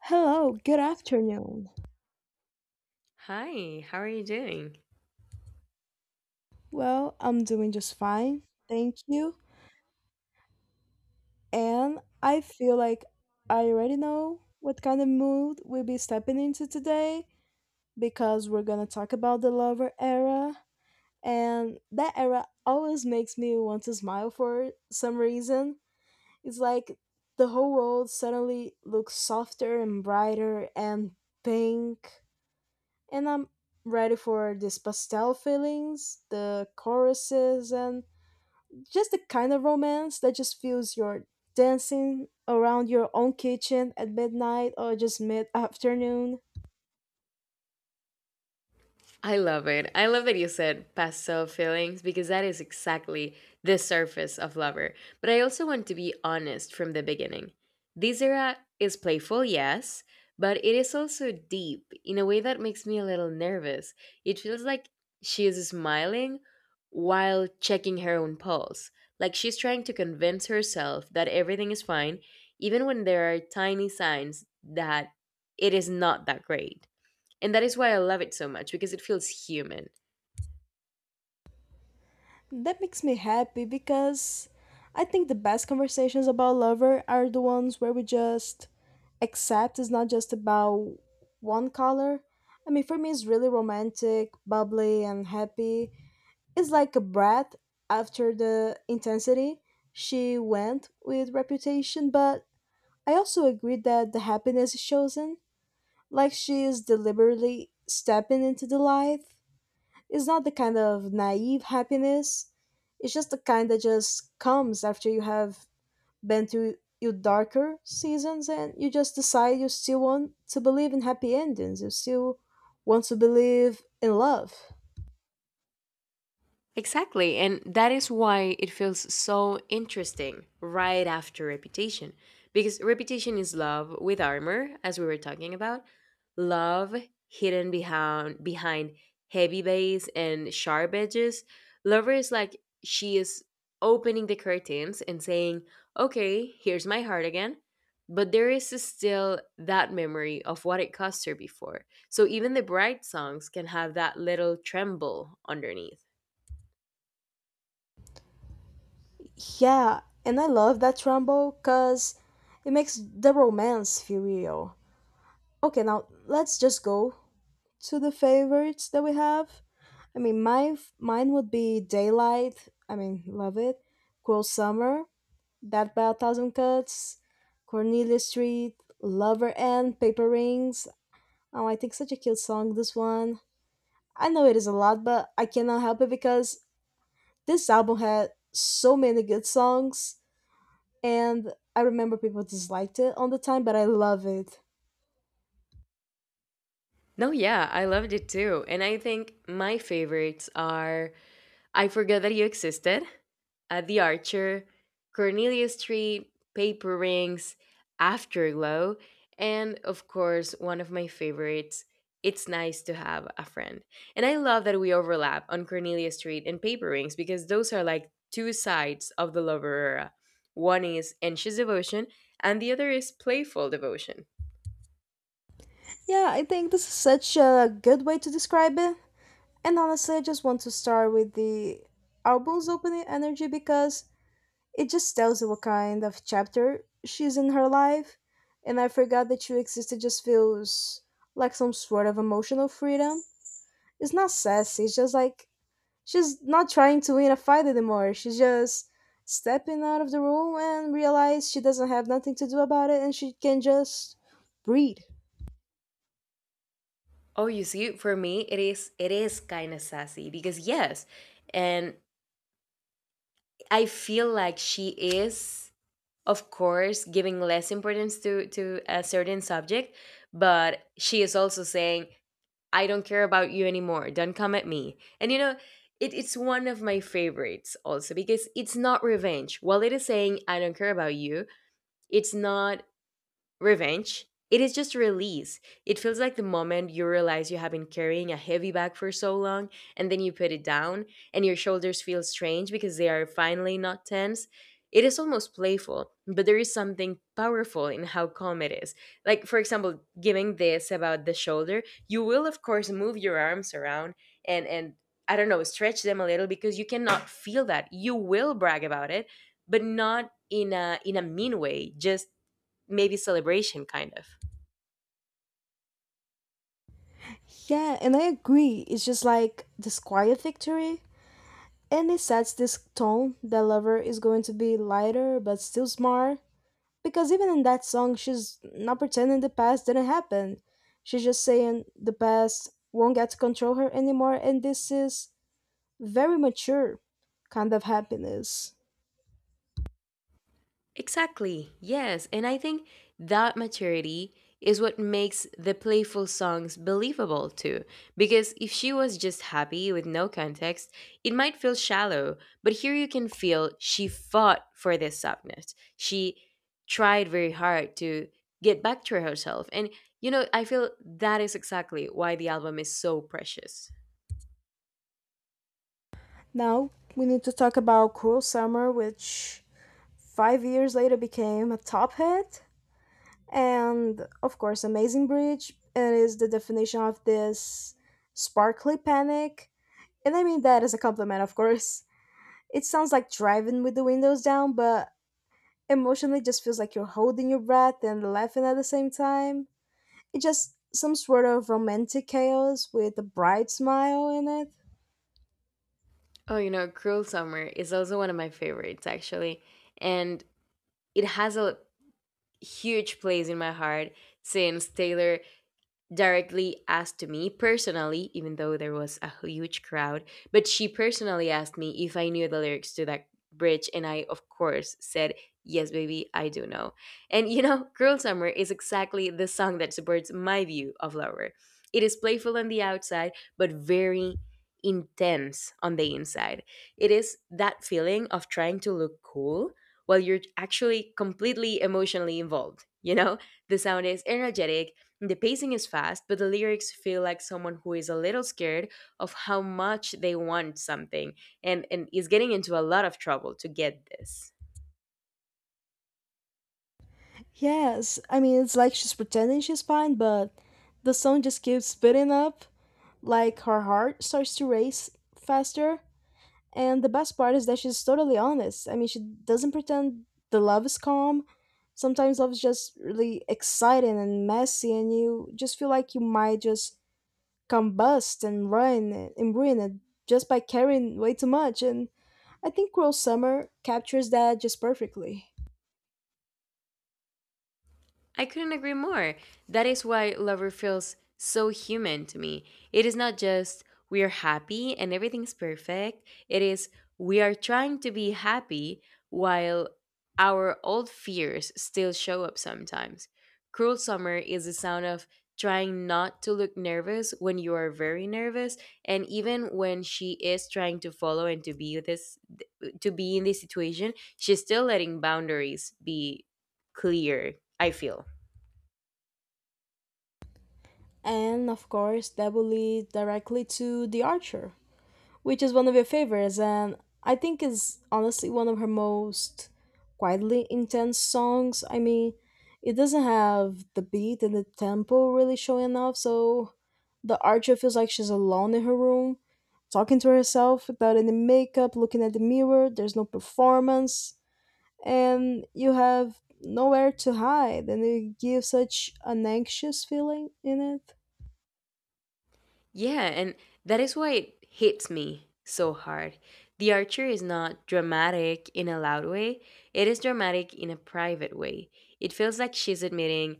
Hello, good afternoon. Hi, how are you doing? Well, I'm doing just fine, thank you. And I feel like I already know what kind of mood we'll be stepping into today because we're gonna talk about the lover era. And that era always makes me want to smile for some reason. It's like the whole world suddenly looks softer and brighter and pink. And I'm ready for these pastel feelings, the choruses, and just the kind of romance that just feels you're dancing around your own kitchen at midnight or just mid afternoon. I love it. I love that you said pastel feelings because that is exactly the surface of lover. But I also want to be honest from the beginning. This era is playful, yes, but it is also deep in a way that makes me a little nervous. It feels like she is smiling while checking her own pulse. Like she's trying to convince herself that everything is fine, even when there are tiny signs that it is not that great. And that is why I love it so much because it feels human. That makes me happy because I think the best conversations about lover are the ones where we just accept it's not just about one color. I mean, for me, it's really romantic, bubbly, and happy. It's like a breath after the intensity. She went with reputation, but I also agreed that the happiness is chosen, like she is deliberately stepping into the life. It's not the kind of naive happiness. It's just the kind that just comes after you have been through your darker seasons and you just decide you still want to believe in happy endings. You still want to believe in love. Exactly, and that is why it feels so interesting right after Reputation. Because Reputation is love with armor, as we were talking about, love hidden behind heavy bass and sharp edges. Lover is like she is opening the curtains and saying, "Okay, here's my heart again." But there is still that memory of what it cost her before. So even the bright songs can have that little tremble underneath. Yeah, and I love that trumbo because it makes the romance feel real. Okay, now let's just go to the favorites that we have. I mean, my mine would be Daylight. I mean, love it. Cruel Summer, That by a Thousand Cuts, Cornelia Street, Lover and Paper Rings. Oh, I think such a cute song. This one. I know it is a lot, but I cannot help it because this album had so many good songs, and I remember people disliked it on the time, but I love it. No, yeah, I loved it too. And I think my favorites are I Forgot That You Existed, The Archer, Cornelia Street, Paper Rings, Afterglow, and of course, one of my favorites, It's Nice to Have a Friend. And I love that we overlap on Cornelia Street and Paper Rings because those are like two sides of the lover era. One is anxious devotion, and the other is playful devotion. Yeah, I think this is such a good way to describe it. And honestly, I just want to start with the album's opening energy because it just tells you what kind of chapter she's in her life. And I forgot that you existed just feels like some sort of emotional freedom. It's not sassy, it's just like she's not trying to win a fight anymore. She's just stepping out of the room and realize she doesn't have nothing to do about it and she can just breathe. Oh, you see, for me, it is kind of sassy because yes, and I feel like she is, of course, giving less importance to a certain subject, but she is also saying, "I don't care about you anymore. Don't come at me." And you know, it's one of my favorites also because it's not revenge. While it is saying, "I don't care about you," it's not Revenge? It is just release. It feels like the moment you realize you have been carrying a heavy bag for so long, and then you put it down, and your shoulders feel strange because they are finally not tense. It is almost playful, but there is something powerful in how calm it is. Like, for example, giving this about the shoulder, you will, of course, move your arms around and I don't know, stretch them a little because you cannot feel that. You will brag about it, but not in a mean way, just maybe celebration kind of Yeah, and I agree. It's just like this quiet victory. And it sets this tone that Lover is going to be lighter but still smart. Because even in that song, she's not pretending the past didn't happen. She's just saying the past won't get to control her anymore, and this is very mature kind of happiness. exactly, yes. And I think that maturity is what makes the playful songs believable too, because if she was just happy with no context it might feel shallow, but here you can feel she fought for this softness. She tried very hard to get back to herself, and you know, I feel that is exactly why the album is so precious. Now, we need to talk about Cruel Summer, which 5 years later became a top hit and of course amazing bridge it is the definition of this sparkly panic. And I mean that as a compliment, of course. It sounds like driving with the windows down, but emotionally just feels like you're holding your breath and laughing at the same time. It's just some sort of romantic chaos with a bright smile in it. Oh, you know, Cruel Summer is also one of my favorites, actually. And it has a huge place in my heart since Taylor directly asked me personally, even though there was a huge crowd, but she personally asked me if I knew the lyrics to that bridge. And I, of course, said, Yes, baby, I do know. And you know, Cruel Summer is exactly the song that supports my view of Lover. It is playful on the outside, but very intense on the inside. It is that feeling of trying to look cool while you're actually completely emotionally involved. You know, the sound is energetic, the pacing is fast, but the lyrics feel like someone who is a little scared of how much they want something and is getting into a lot of trouble to get this. Yes, I mean, it's like she's pretending she's fine, but the song just keeps speeding up, like her heart starts to race faster. And the best part is that she's totally honest. I mean, she doesn't pretend the love is calm. Sometimes love is just really exciting and messy, and you just feel like you might just combust and ruin it just by caring way too much. And I think Cruel Summer captures that just perfectly. I couldn't agree more. That is why Lover feels so human to me. It is not just we are happy and everything's perfect, it is we are trying to be happy while our old fears still show up sometimes. Cruel Summer is the sound of trying not to look nervous when you are very nervous, and even when she is trying to follow and to be this, to be in this situation, she's still letting boundaries be clear, I feel. And of course, that will lead directly to The Archer, which is one of your favorites, and I think is honestly one of her most quietly intense songs. I mean, it doesn't have the beat and the tempo really showing off, so The Archer feels like she's alone in her room, talking to herself without any makeup, looking at the mirror, there's no performance, and you have nowhere to hide, and it gives such an anxious feeling in it. Yeah, and that is why it hits me so hard. The Archer is not dramatic in a loud way, it is dramatic in a private way. It feels like she's admitting,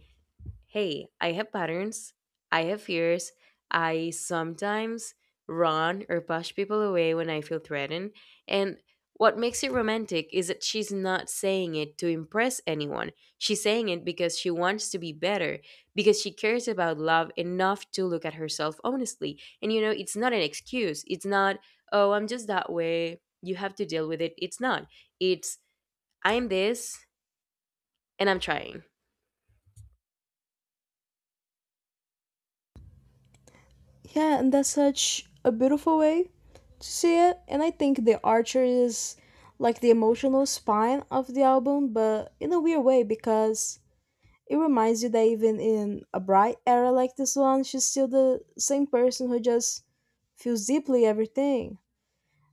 hey, I have patterns, I have fears, I sometimes run or push people away when I feel threatened. And what makes it romantic is that she's not saying it to impress anyone. She's saying it because she wants to be better, because she cares about love enough to look at herself honestly. And you know, it's not an excuse. It's not, oh, I'm just that way. You have to deal with it. It's not. It's, I'm this and I'm trying. Yeah, and that's such a beautiful way to see it. And I think The Archer is like the emotional spine of the album, but in a weird way because it reminds you that even in a bright era like this one, she's still the same person who just feels deeply everything.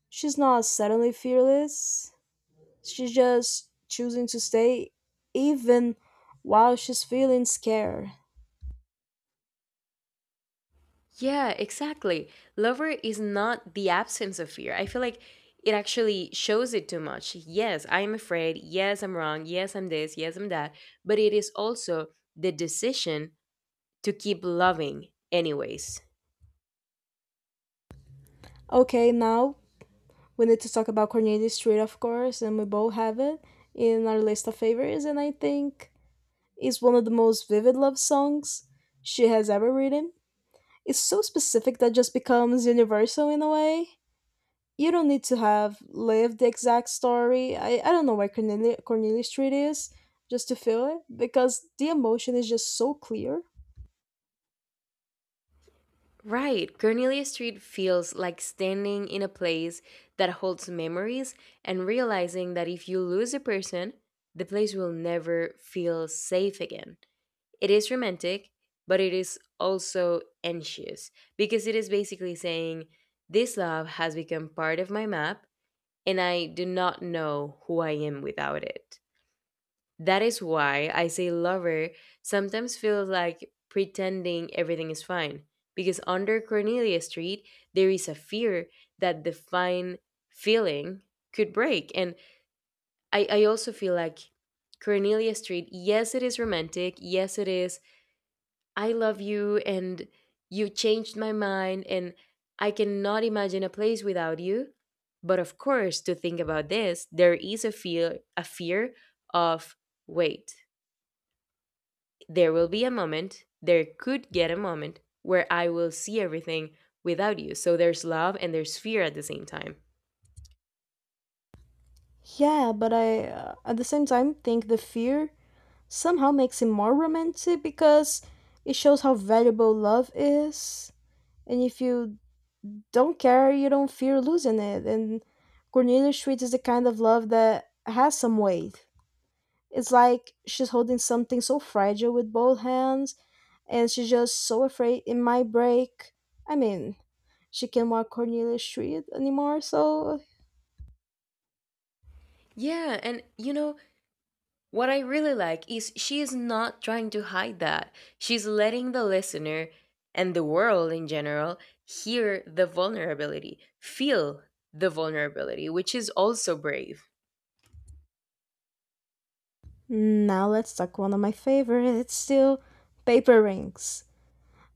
She's not suddenly fearless, she's just choosing to stay even while she's feeling scared. Yeah, exactly. Lover is not the absence of fear. I feel like it actually shows it too much. Yes, I'm afraid. Yes, I'm wrong. Yes, I'm this. Yes, I'm that. But it is also the decision to keep loving, anyways. Okay, now we need to talk about Cornelius Street, of course, and we both have it in our list of favorites. And I think it's one of the most vivid love songs she has ever written. It's so specific that just becomes universal in a way. You don't need to have lived the exact story. I don't know where Cornelius Street is just to feel it because the emotion is just so clear. Right. Cornelia Street feels like standing in a place that holds memories and realizing that if you lose a person, the place will never feel safe again. It is romantic, but it is also anxious because it is basically saying, This love has become part of my map, and I do not know who I am without it. That is why I say lover sometimes feels like pretending everything is fine, because under Cornelia Street, there is a fear that the fine feeling could break. And I also feel like Cornelia Street, yes, it is romantic, yes, it is I love you and you changed my mind and I cannot imagine a place without you. But of course, to think about this, there is a fear of wait. There will be a moment, there could get a moment where I will see everything without you. So there's love and there's fear at the same time. Yeah, but I at the same time think the fear somehow makes it more romantic because it shows how valuable love is. And if you don't care, you don't fear losing it. And Cornelia Street is the kind of love that has some weight. It's like she's holding something so fragile with both hands, and she's just so afraid it might break. I mean, she can't walk Cornelia Street anymore, so. Yeah, and you know, what I really like is she is not trying to hide that. She's letting the listener and the world in general hear the vulnerability, feel the vulnerability, which is also brave. Now let's talk one of my favorites still paper rings.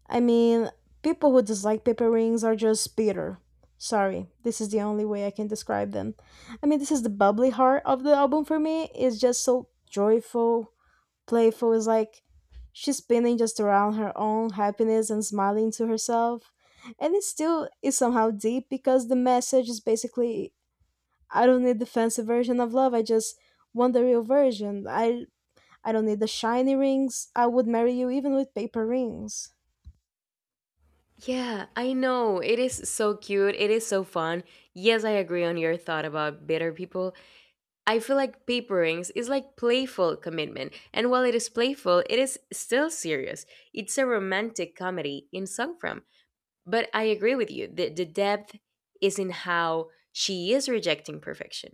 I mean, people who dislike paper rings are just bitter. Sorry, this is the only way I can describe them. I mean, this is the bubbly heart of the album for me. It's just so joyful, playful. It's like she's spinning just around her own happiness and smiling to herself. And it still is somehow deep because the message is basically I don't need the fancy version of love. I just want the real version. I don't need the shiny rings. I would marry you even with paper rings. Yeah, I know. It is so cute. It is so fun. Yes, I agree on your thought about bitter people. I feel like Paper Rings is like playful commitment. And while it is playful, it is still serious. It's a romantic comedy in song form. But I agree with you that the depth is in how she is rejecting perfection.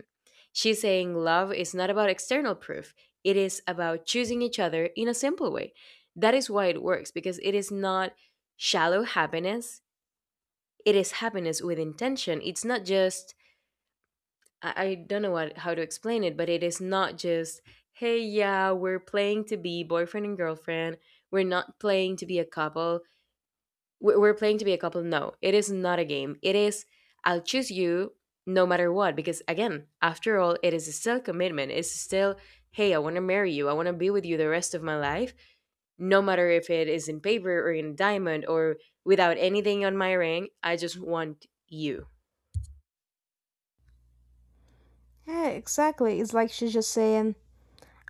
She's saying love is not about external proof, it is about choosing each other in a simple way. That is why it works, because it is not shallow happiness, it is happiness with intention. It's not just, I don't know what, how to explain it, but it is not just, hey, yeah, we're playing to be boyfriend and girlfriend. We're not playing to be a couple, we're playing to be a couple. No, it is not a game, it is I'll choose you no matter what. Because again, after all, it is still commitment, it's still hey, I want to marry you, I want to be with you the rest of my life, no matter if it is in paper or in diamond or without anything on my ring. I just want you. Yeah, exactly. It's like she's just saying,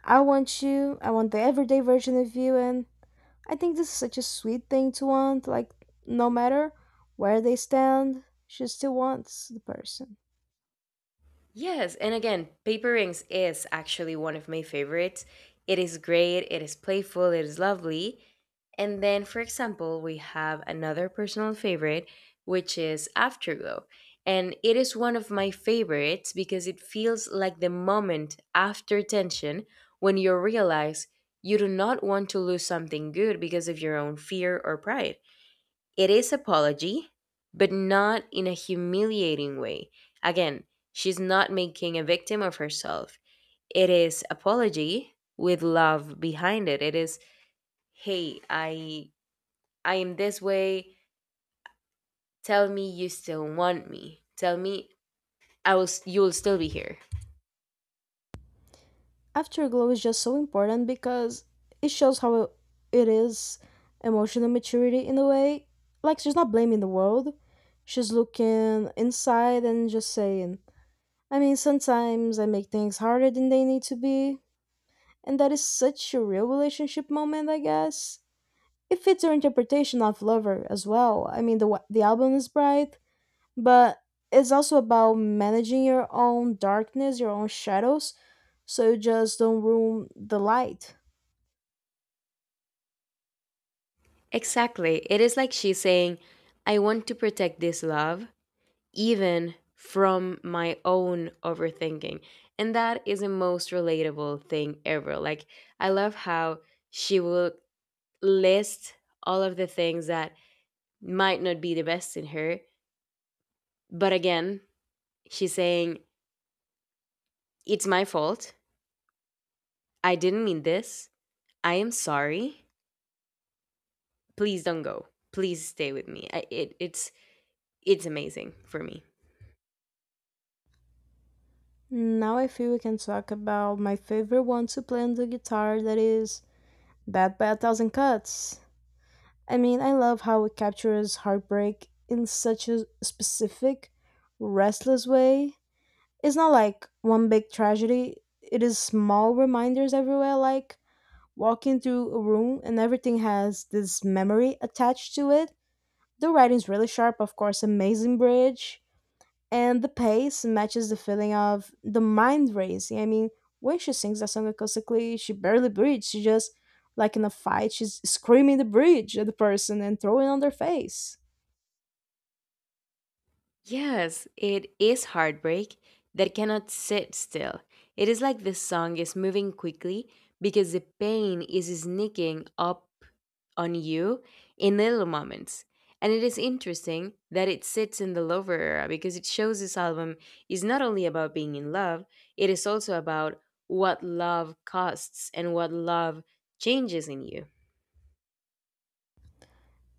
I want you, I want the everyday version of you. And I think this is such a sweet thing to want. Like, no matter where they stand, she still wants the person. Yes, and again, paper rings is actually one of my favorites. It is great, it is playful, it is lovely. And then, for example, we have another personal favorite, which is Afterglow. And it is one of my favorites because it feels like the moment after tension, when you realize you do not want to lose something good because of your own fear or pride. It is apology, but not in a humiliating way. Again, she's not making a victim of herself. It is apology with love behind it. It is, hey, I am this way. Tell me you still want me. Tell me you will still be here. Afterglow is just so important because it shows how it is emotional maturity in a way. Like, she's not blaming the world, she's looking inside and just saying, I mean, sometimes I make things harder than they need to be, and that is such a real relationship moment, I guess. It fits her interpretation of Lover as well. I mean, the album is bright, but it's also about managing your own darkness, your own shadows, so you just don't ruin the light. Exactly. It is like she's saying, I want to protect this love even from my own overthinking. And that is the most relatable thing ever. Like, I love how she will list all of the things that might not be the best in her. But again, she's saying, It's my fault. I didn't mean this. I am sorry. Please don't go. Please stay with me. It's amazing for me. Now I feel we can talk about my favorite one to play on the guitar, that is Bad by a Thousand Cuts. I mean, I love how it captures heartbreak in such a specific, restless way. It's not like one big tragedy. It is small reminders everywhere, like walking through a room and everything has this memory attached to it. The writing's really sharp, of course, amazing bridge, and the pace matches the feeling of the mind racing. I mean, when she sings that song acoustically, she barely breathes. She just, like in a fight, she's screaming the bridge at the person and throwing on their face. Yes, it is heartbreak that cannot sit still. It is like the song is moving quickly because the pain is sneaking up on you in little moments. And it is interesting that it sits in the Lover era because it shows this album is not only about being in love, it is also about what love costs and what love changes in you.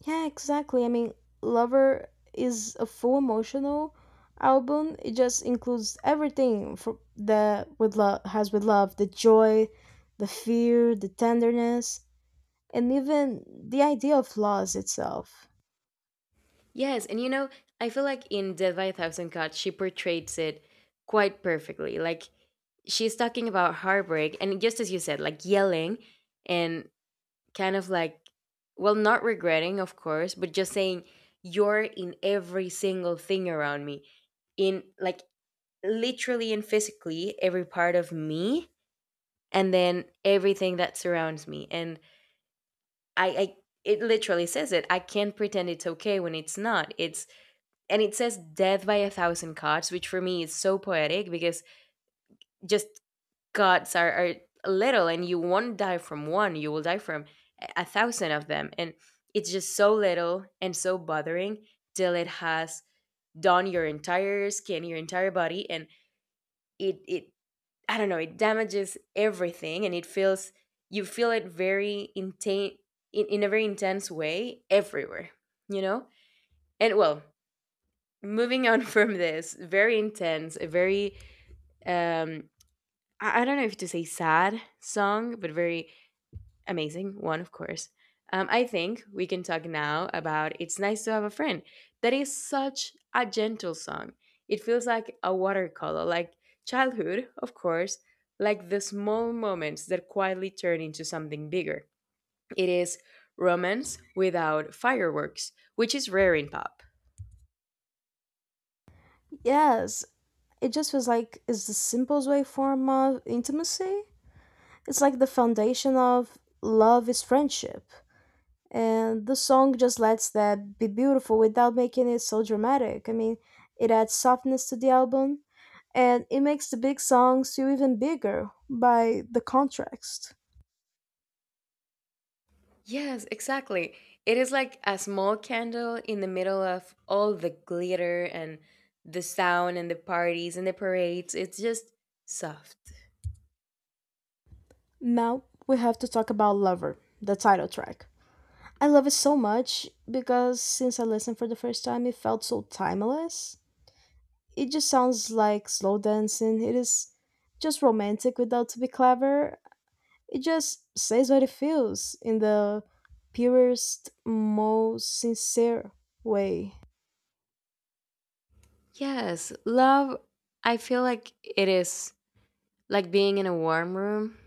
Yeah, exactly. I mean, Lover is a full emotional album. It just includes everything for that with love, the joy, the fear, the tenderness, and even the idea of loss itself. Yes, and you know, I feel like in Dead by a Thousand Cuts, she portrays it quite perfectly. Like she's talking about heartbreak and, just as you said, like yelling and kind of like, well, not regretting, of course, but just saying you're in every single thing around me, in like literally and physically every part of me, and then everything that surrounds me. And I it literally says it, I can't pretend it's okay when it's not. It's— and it says death by a thousand cuts, which for me is so poetic because, just, gods are little, and you won't die from one. You will die from a thousand of them. And it's just so little and so bothering till it has done your entire skin, your entire body. And it I don't know, it damages everything. And it feels— you feel it very intense, in a very intense way, everywhere, you know. And well, moving on from this very intense, a very um I don't know if to say sad song, but very amazing one, of course. I think we can talk now about It's Nice to Have a Friend. That is such a gentle song. It feels like a watercolor, like childhood, of course, like the small moments that quietly turn into something bigger. It is romance without fireworks, which is rare in pop. Yes, it just feels like it's the simplest way form of intimacy. It's like the foundation of love is friendship. And the song just lets that be beautiful without making it so dramatic. I mean, it adds softness to the album and it makes the big songs feel even bigger by the contrast. Yes, exactly. It is like a small candle in the middle of all the glitter and the sound and the parties and the parades. It's just soft. Now we have to talk about Lover, the title track. I love it so much because since I listened for the first time, it felt so timeless. It just sounds like slow dancing. It is just romantic without to be clever. It just says what it feels in the purest, most sincere way. Yes, love, I feel like it is like being in a warm room.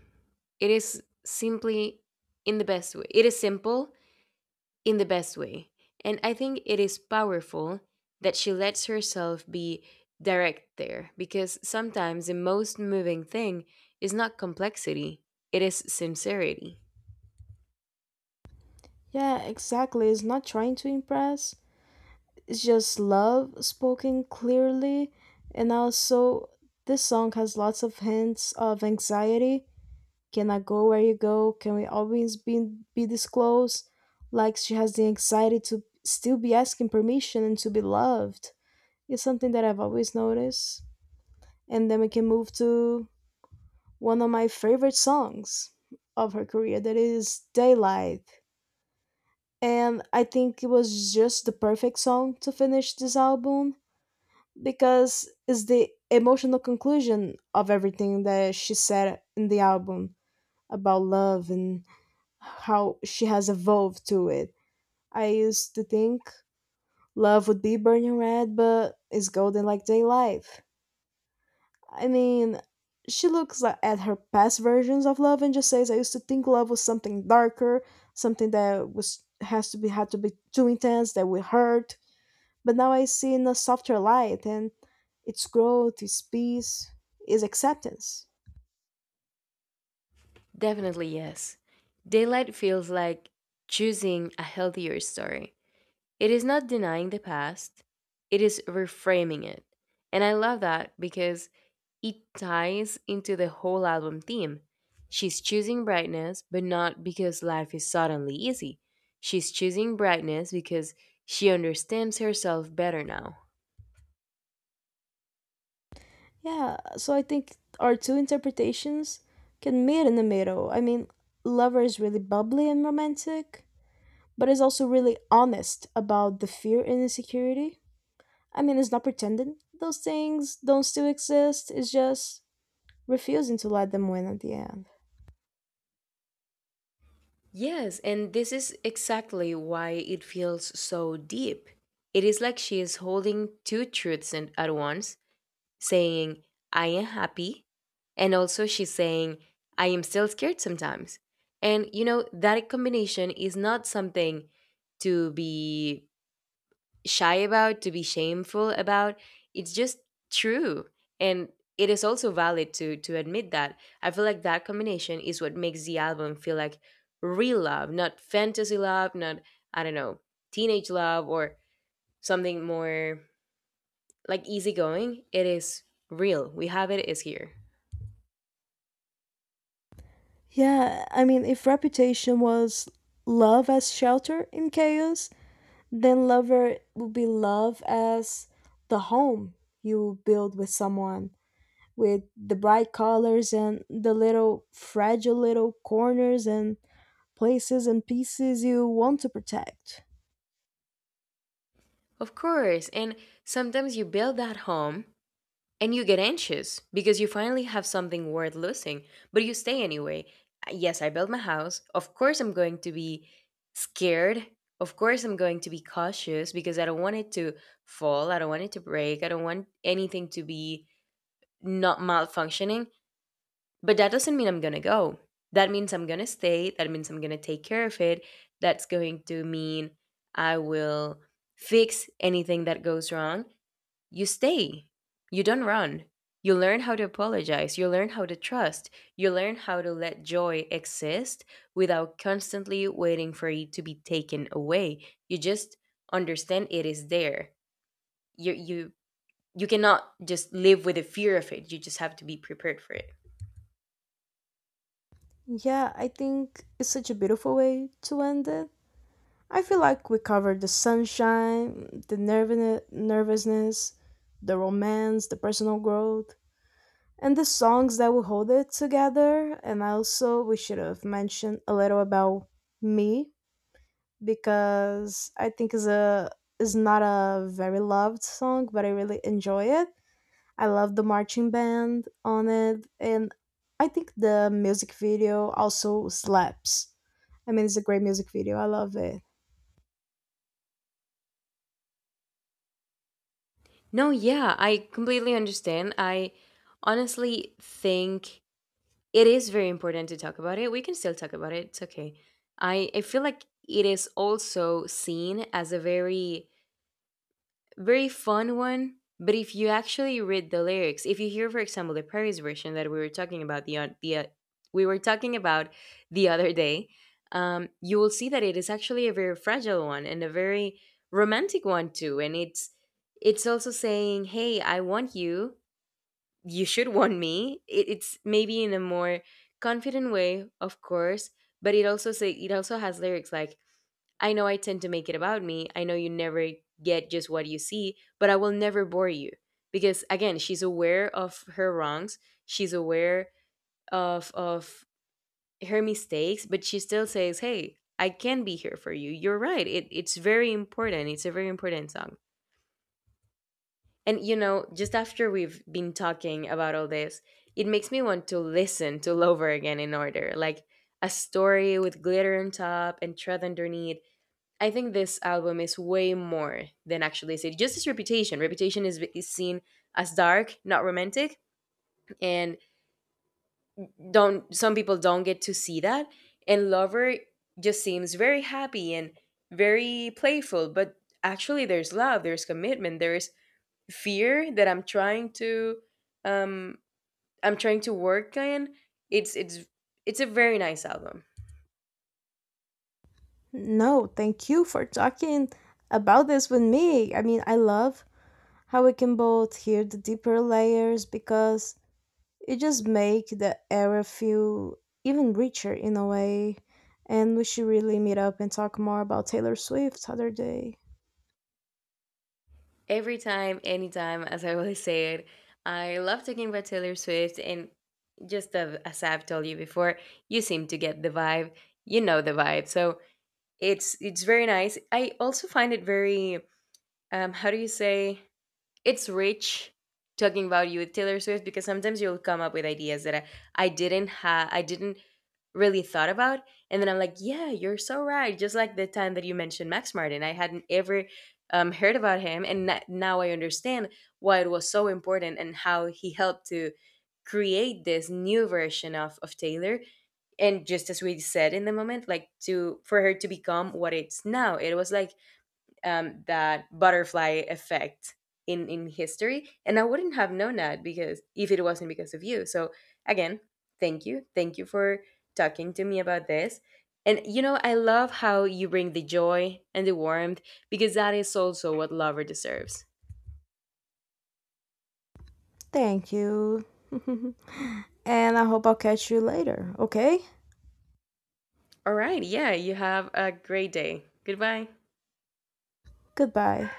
It is simply, in the best way. It is simple, in the best way. And I think it is powerful that she lets herself be direct there, because sometimes the most moving thing is not complexity, it is sincerity. Yeah, exactly. It's not trying to impress. It's just love spoken clearly. And also, this song has lots of hints of anxiety. Can I go where you go? Can we always be this close? Like, she has the anxiety to still be asking permission and to be loved. It's something that I've always noticed. And then we can move to one of my favorite songs of her career that is Daylight. And I think it was just the perfect song to finish this album because it's the emotional conclusion of everything that she said in the album about love and how she has evolved to it. I used to think love would be burning red, but it's golden like daylight. I mean, she looks at her past versions of love and just says, "I used to think love was something darker, something that was has to be had to be too intense that would hurt. But now I see in a softer light, and its growth, its peace, its acceptance." Definitely, yes. Daylight feels like choosing a healthier story. It is not denying the past, it is reframing it. And I love that because it ties into the whole album theme. She's choosing brightness, but not because life is suddenly easy. She's choosing brightness because she understands herself better now. Yeah, so I think our two interpretations can meet in the middle. I mean, Lover is really bubbly and romantic, but is also really honest about the fear and insecurity. I mean, it's not pretending those things don't still exist, it's just refusing to let them win at the end. Yes, and this is exactly why it feels so deep. It is like she is holding two truths in- at once, saying, I am happy. And also, she's saying, I am still scared sometimes. And, that combination is not something to be shy about, to be shameful about. It's just true. And it is also valid to admit that. I feel like that combination is what makes the album feel like real love, not fantasy love, not, I don't know, teenage love, or something more like easygoing. It is real. We have— it is here. Yeah, I mean, if reputation was love as shelter in chaos, then lover would be love as the home you build with someone, with the bright colors and the little fragile little corners and places and pieces you want to protect. Of course. And sometimes you build that home and you get anxious because you finally have something worth losing, but you stay anyway. Yes, I built my house. Of course, I'm going to be scared. Of course, I'm going to be cautious because I don't want it to fall. I don't want it to break. I don't want anything to be not malfunctioning. But that doesn't mean I'm going to go. That means I'm going to stay. That means I'm going to take care of it. That's going to mean I will fix anything that goes wrong. You stay. You don't run. You learn how to apologize. You learn how to trust. You learn how to let joy exist without constantly waiting for it to be taken away. You just understand it is there. You you you cannot just live with the fear of it. You just have to be prepared for it. Yeah, I think it's such a beautiful way to end it. I feel like we covered the sunshine, the nervousness, the romance, the personal growth, and the songs that will hold it together. And also, we should have mentioned a little about me because I think is not a very loved song, but I really enjoy it. I love the marching band on it, and I think the music video also slaps. I mean, it's a great music video. I love it. No, yeah, I completely understand. I honestly think it is very important to talk about it. We can still talk about it. It's okay. I feel like it is also seen as a very very fun one. But if you actually read the lyrics, if you hear, for example, the Paris version that we were talking about— the o- the we were talking about the other day, you will see that it is actually a very fragile one and a very romantic one too. And it's also saying, "Hey, I want you. You should want me." It's maybe in a more confident way, of course, but it also say— it also has lyrics like, I know I tend to make it about me, I know you never get just what you see, but I will never bore you. Because again, she's aware of her wrongs. She's aware of her mistakes, but she still says, "Hey, I can be here for you. You're right. It's very important. It's a very important song." And you know, just after we've been talking about all this, it makes me want to listen to Lover again in order, like a story with glitter on top and tread underneath. I think this album is way more than actually a city. Just its reputation. Reputation is seen as dark, not romantic, and— don't— some people don't get to see that. And Lover just seems very happy and very playful, but actually there's love, there's commitment, there's fear that um I'm trying to work in. It's it's it's a very nice album. No, thank you for talking about this with me. I mean, I love how we can both hear the deeper layers because it just make the era feel even richer in a way. And we should really meet up and talk more about Taylor Swift other day. Every time, anytime, as I always say it. I love talking about Taylor Swift, and just a- as I've told you before, you seem to get the vibe. You know the vibe, so it's very nice. I also find it very how do you say, it's rich talking about you with Taylor Swift, because sometimes you'll come up with ideas that I didn't have— I didn't really thought about, and then I'm like, yeah, you're so right. Just like the time that you mentioned Max Martin, I hadn't ever heard about him, and n- now I understand why it was so important and how he helped to create this new version of Taylor. And just as we said in the moment, like to— for her to become what it's now, it was like, that butterfly effect in history, and I wouldn't have known that, because if it wasn't because of you. So again, thank you for talking to me about this. And you know, I love how you bring the joy and the warmth, because that is also what lover deserves. Thank you. And I hope I'll catch you later, okay? All right, yeah, you have a great day. Goodbye. Goodbye.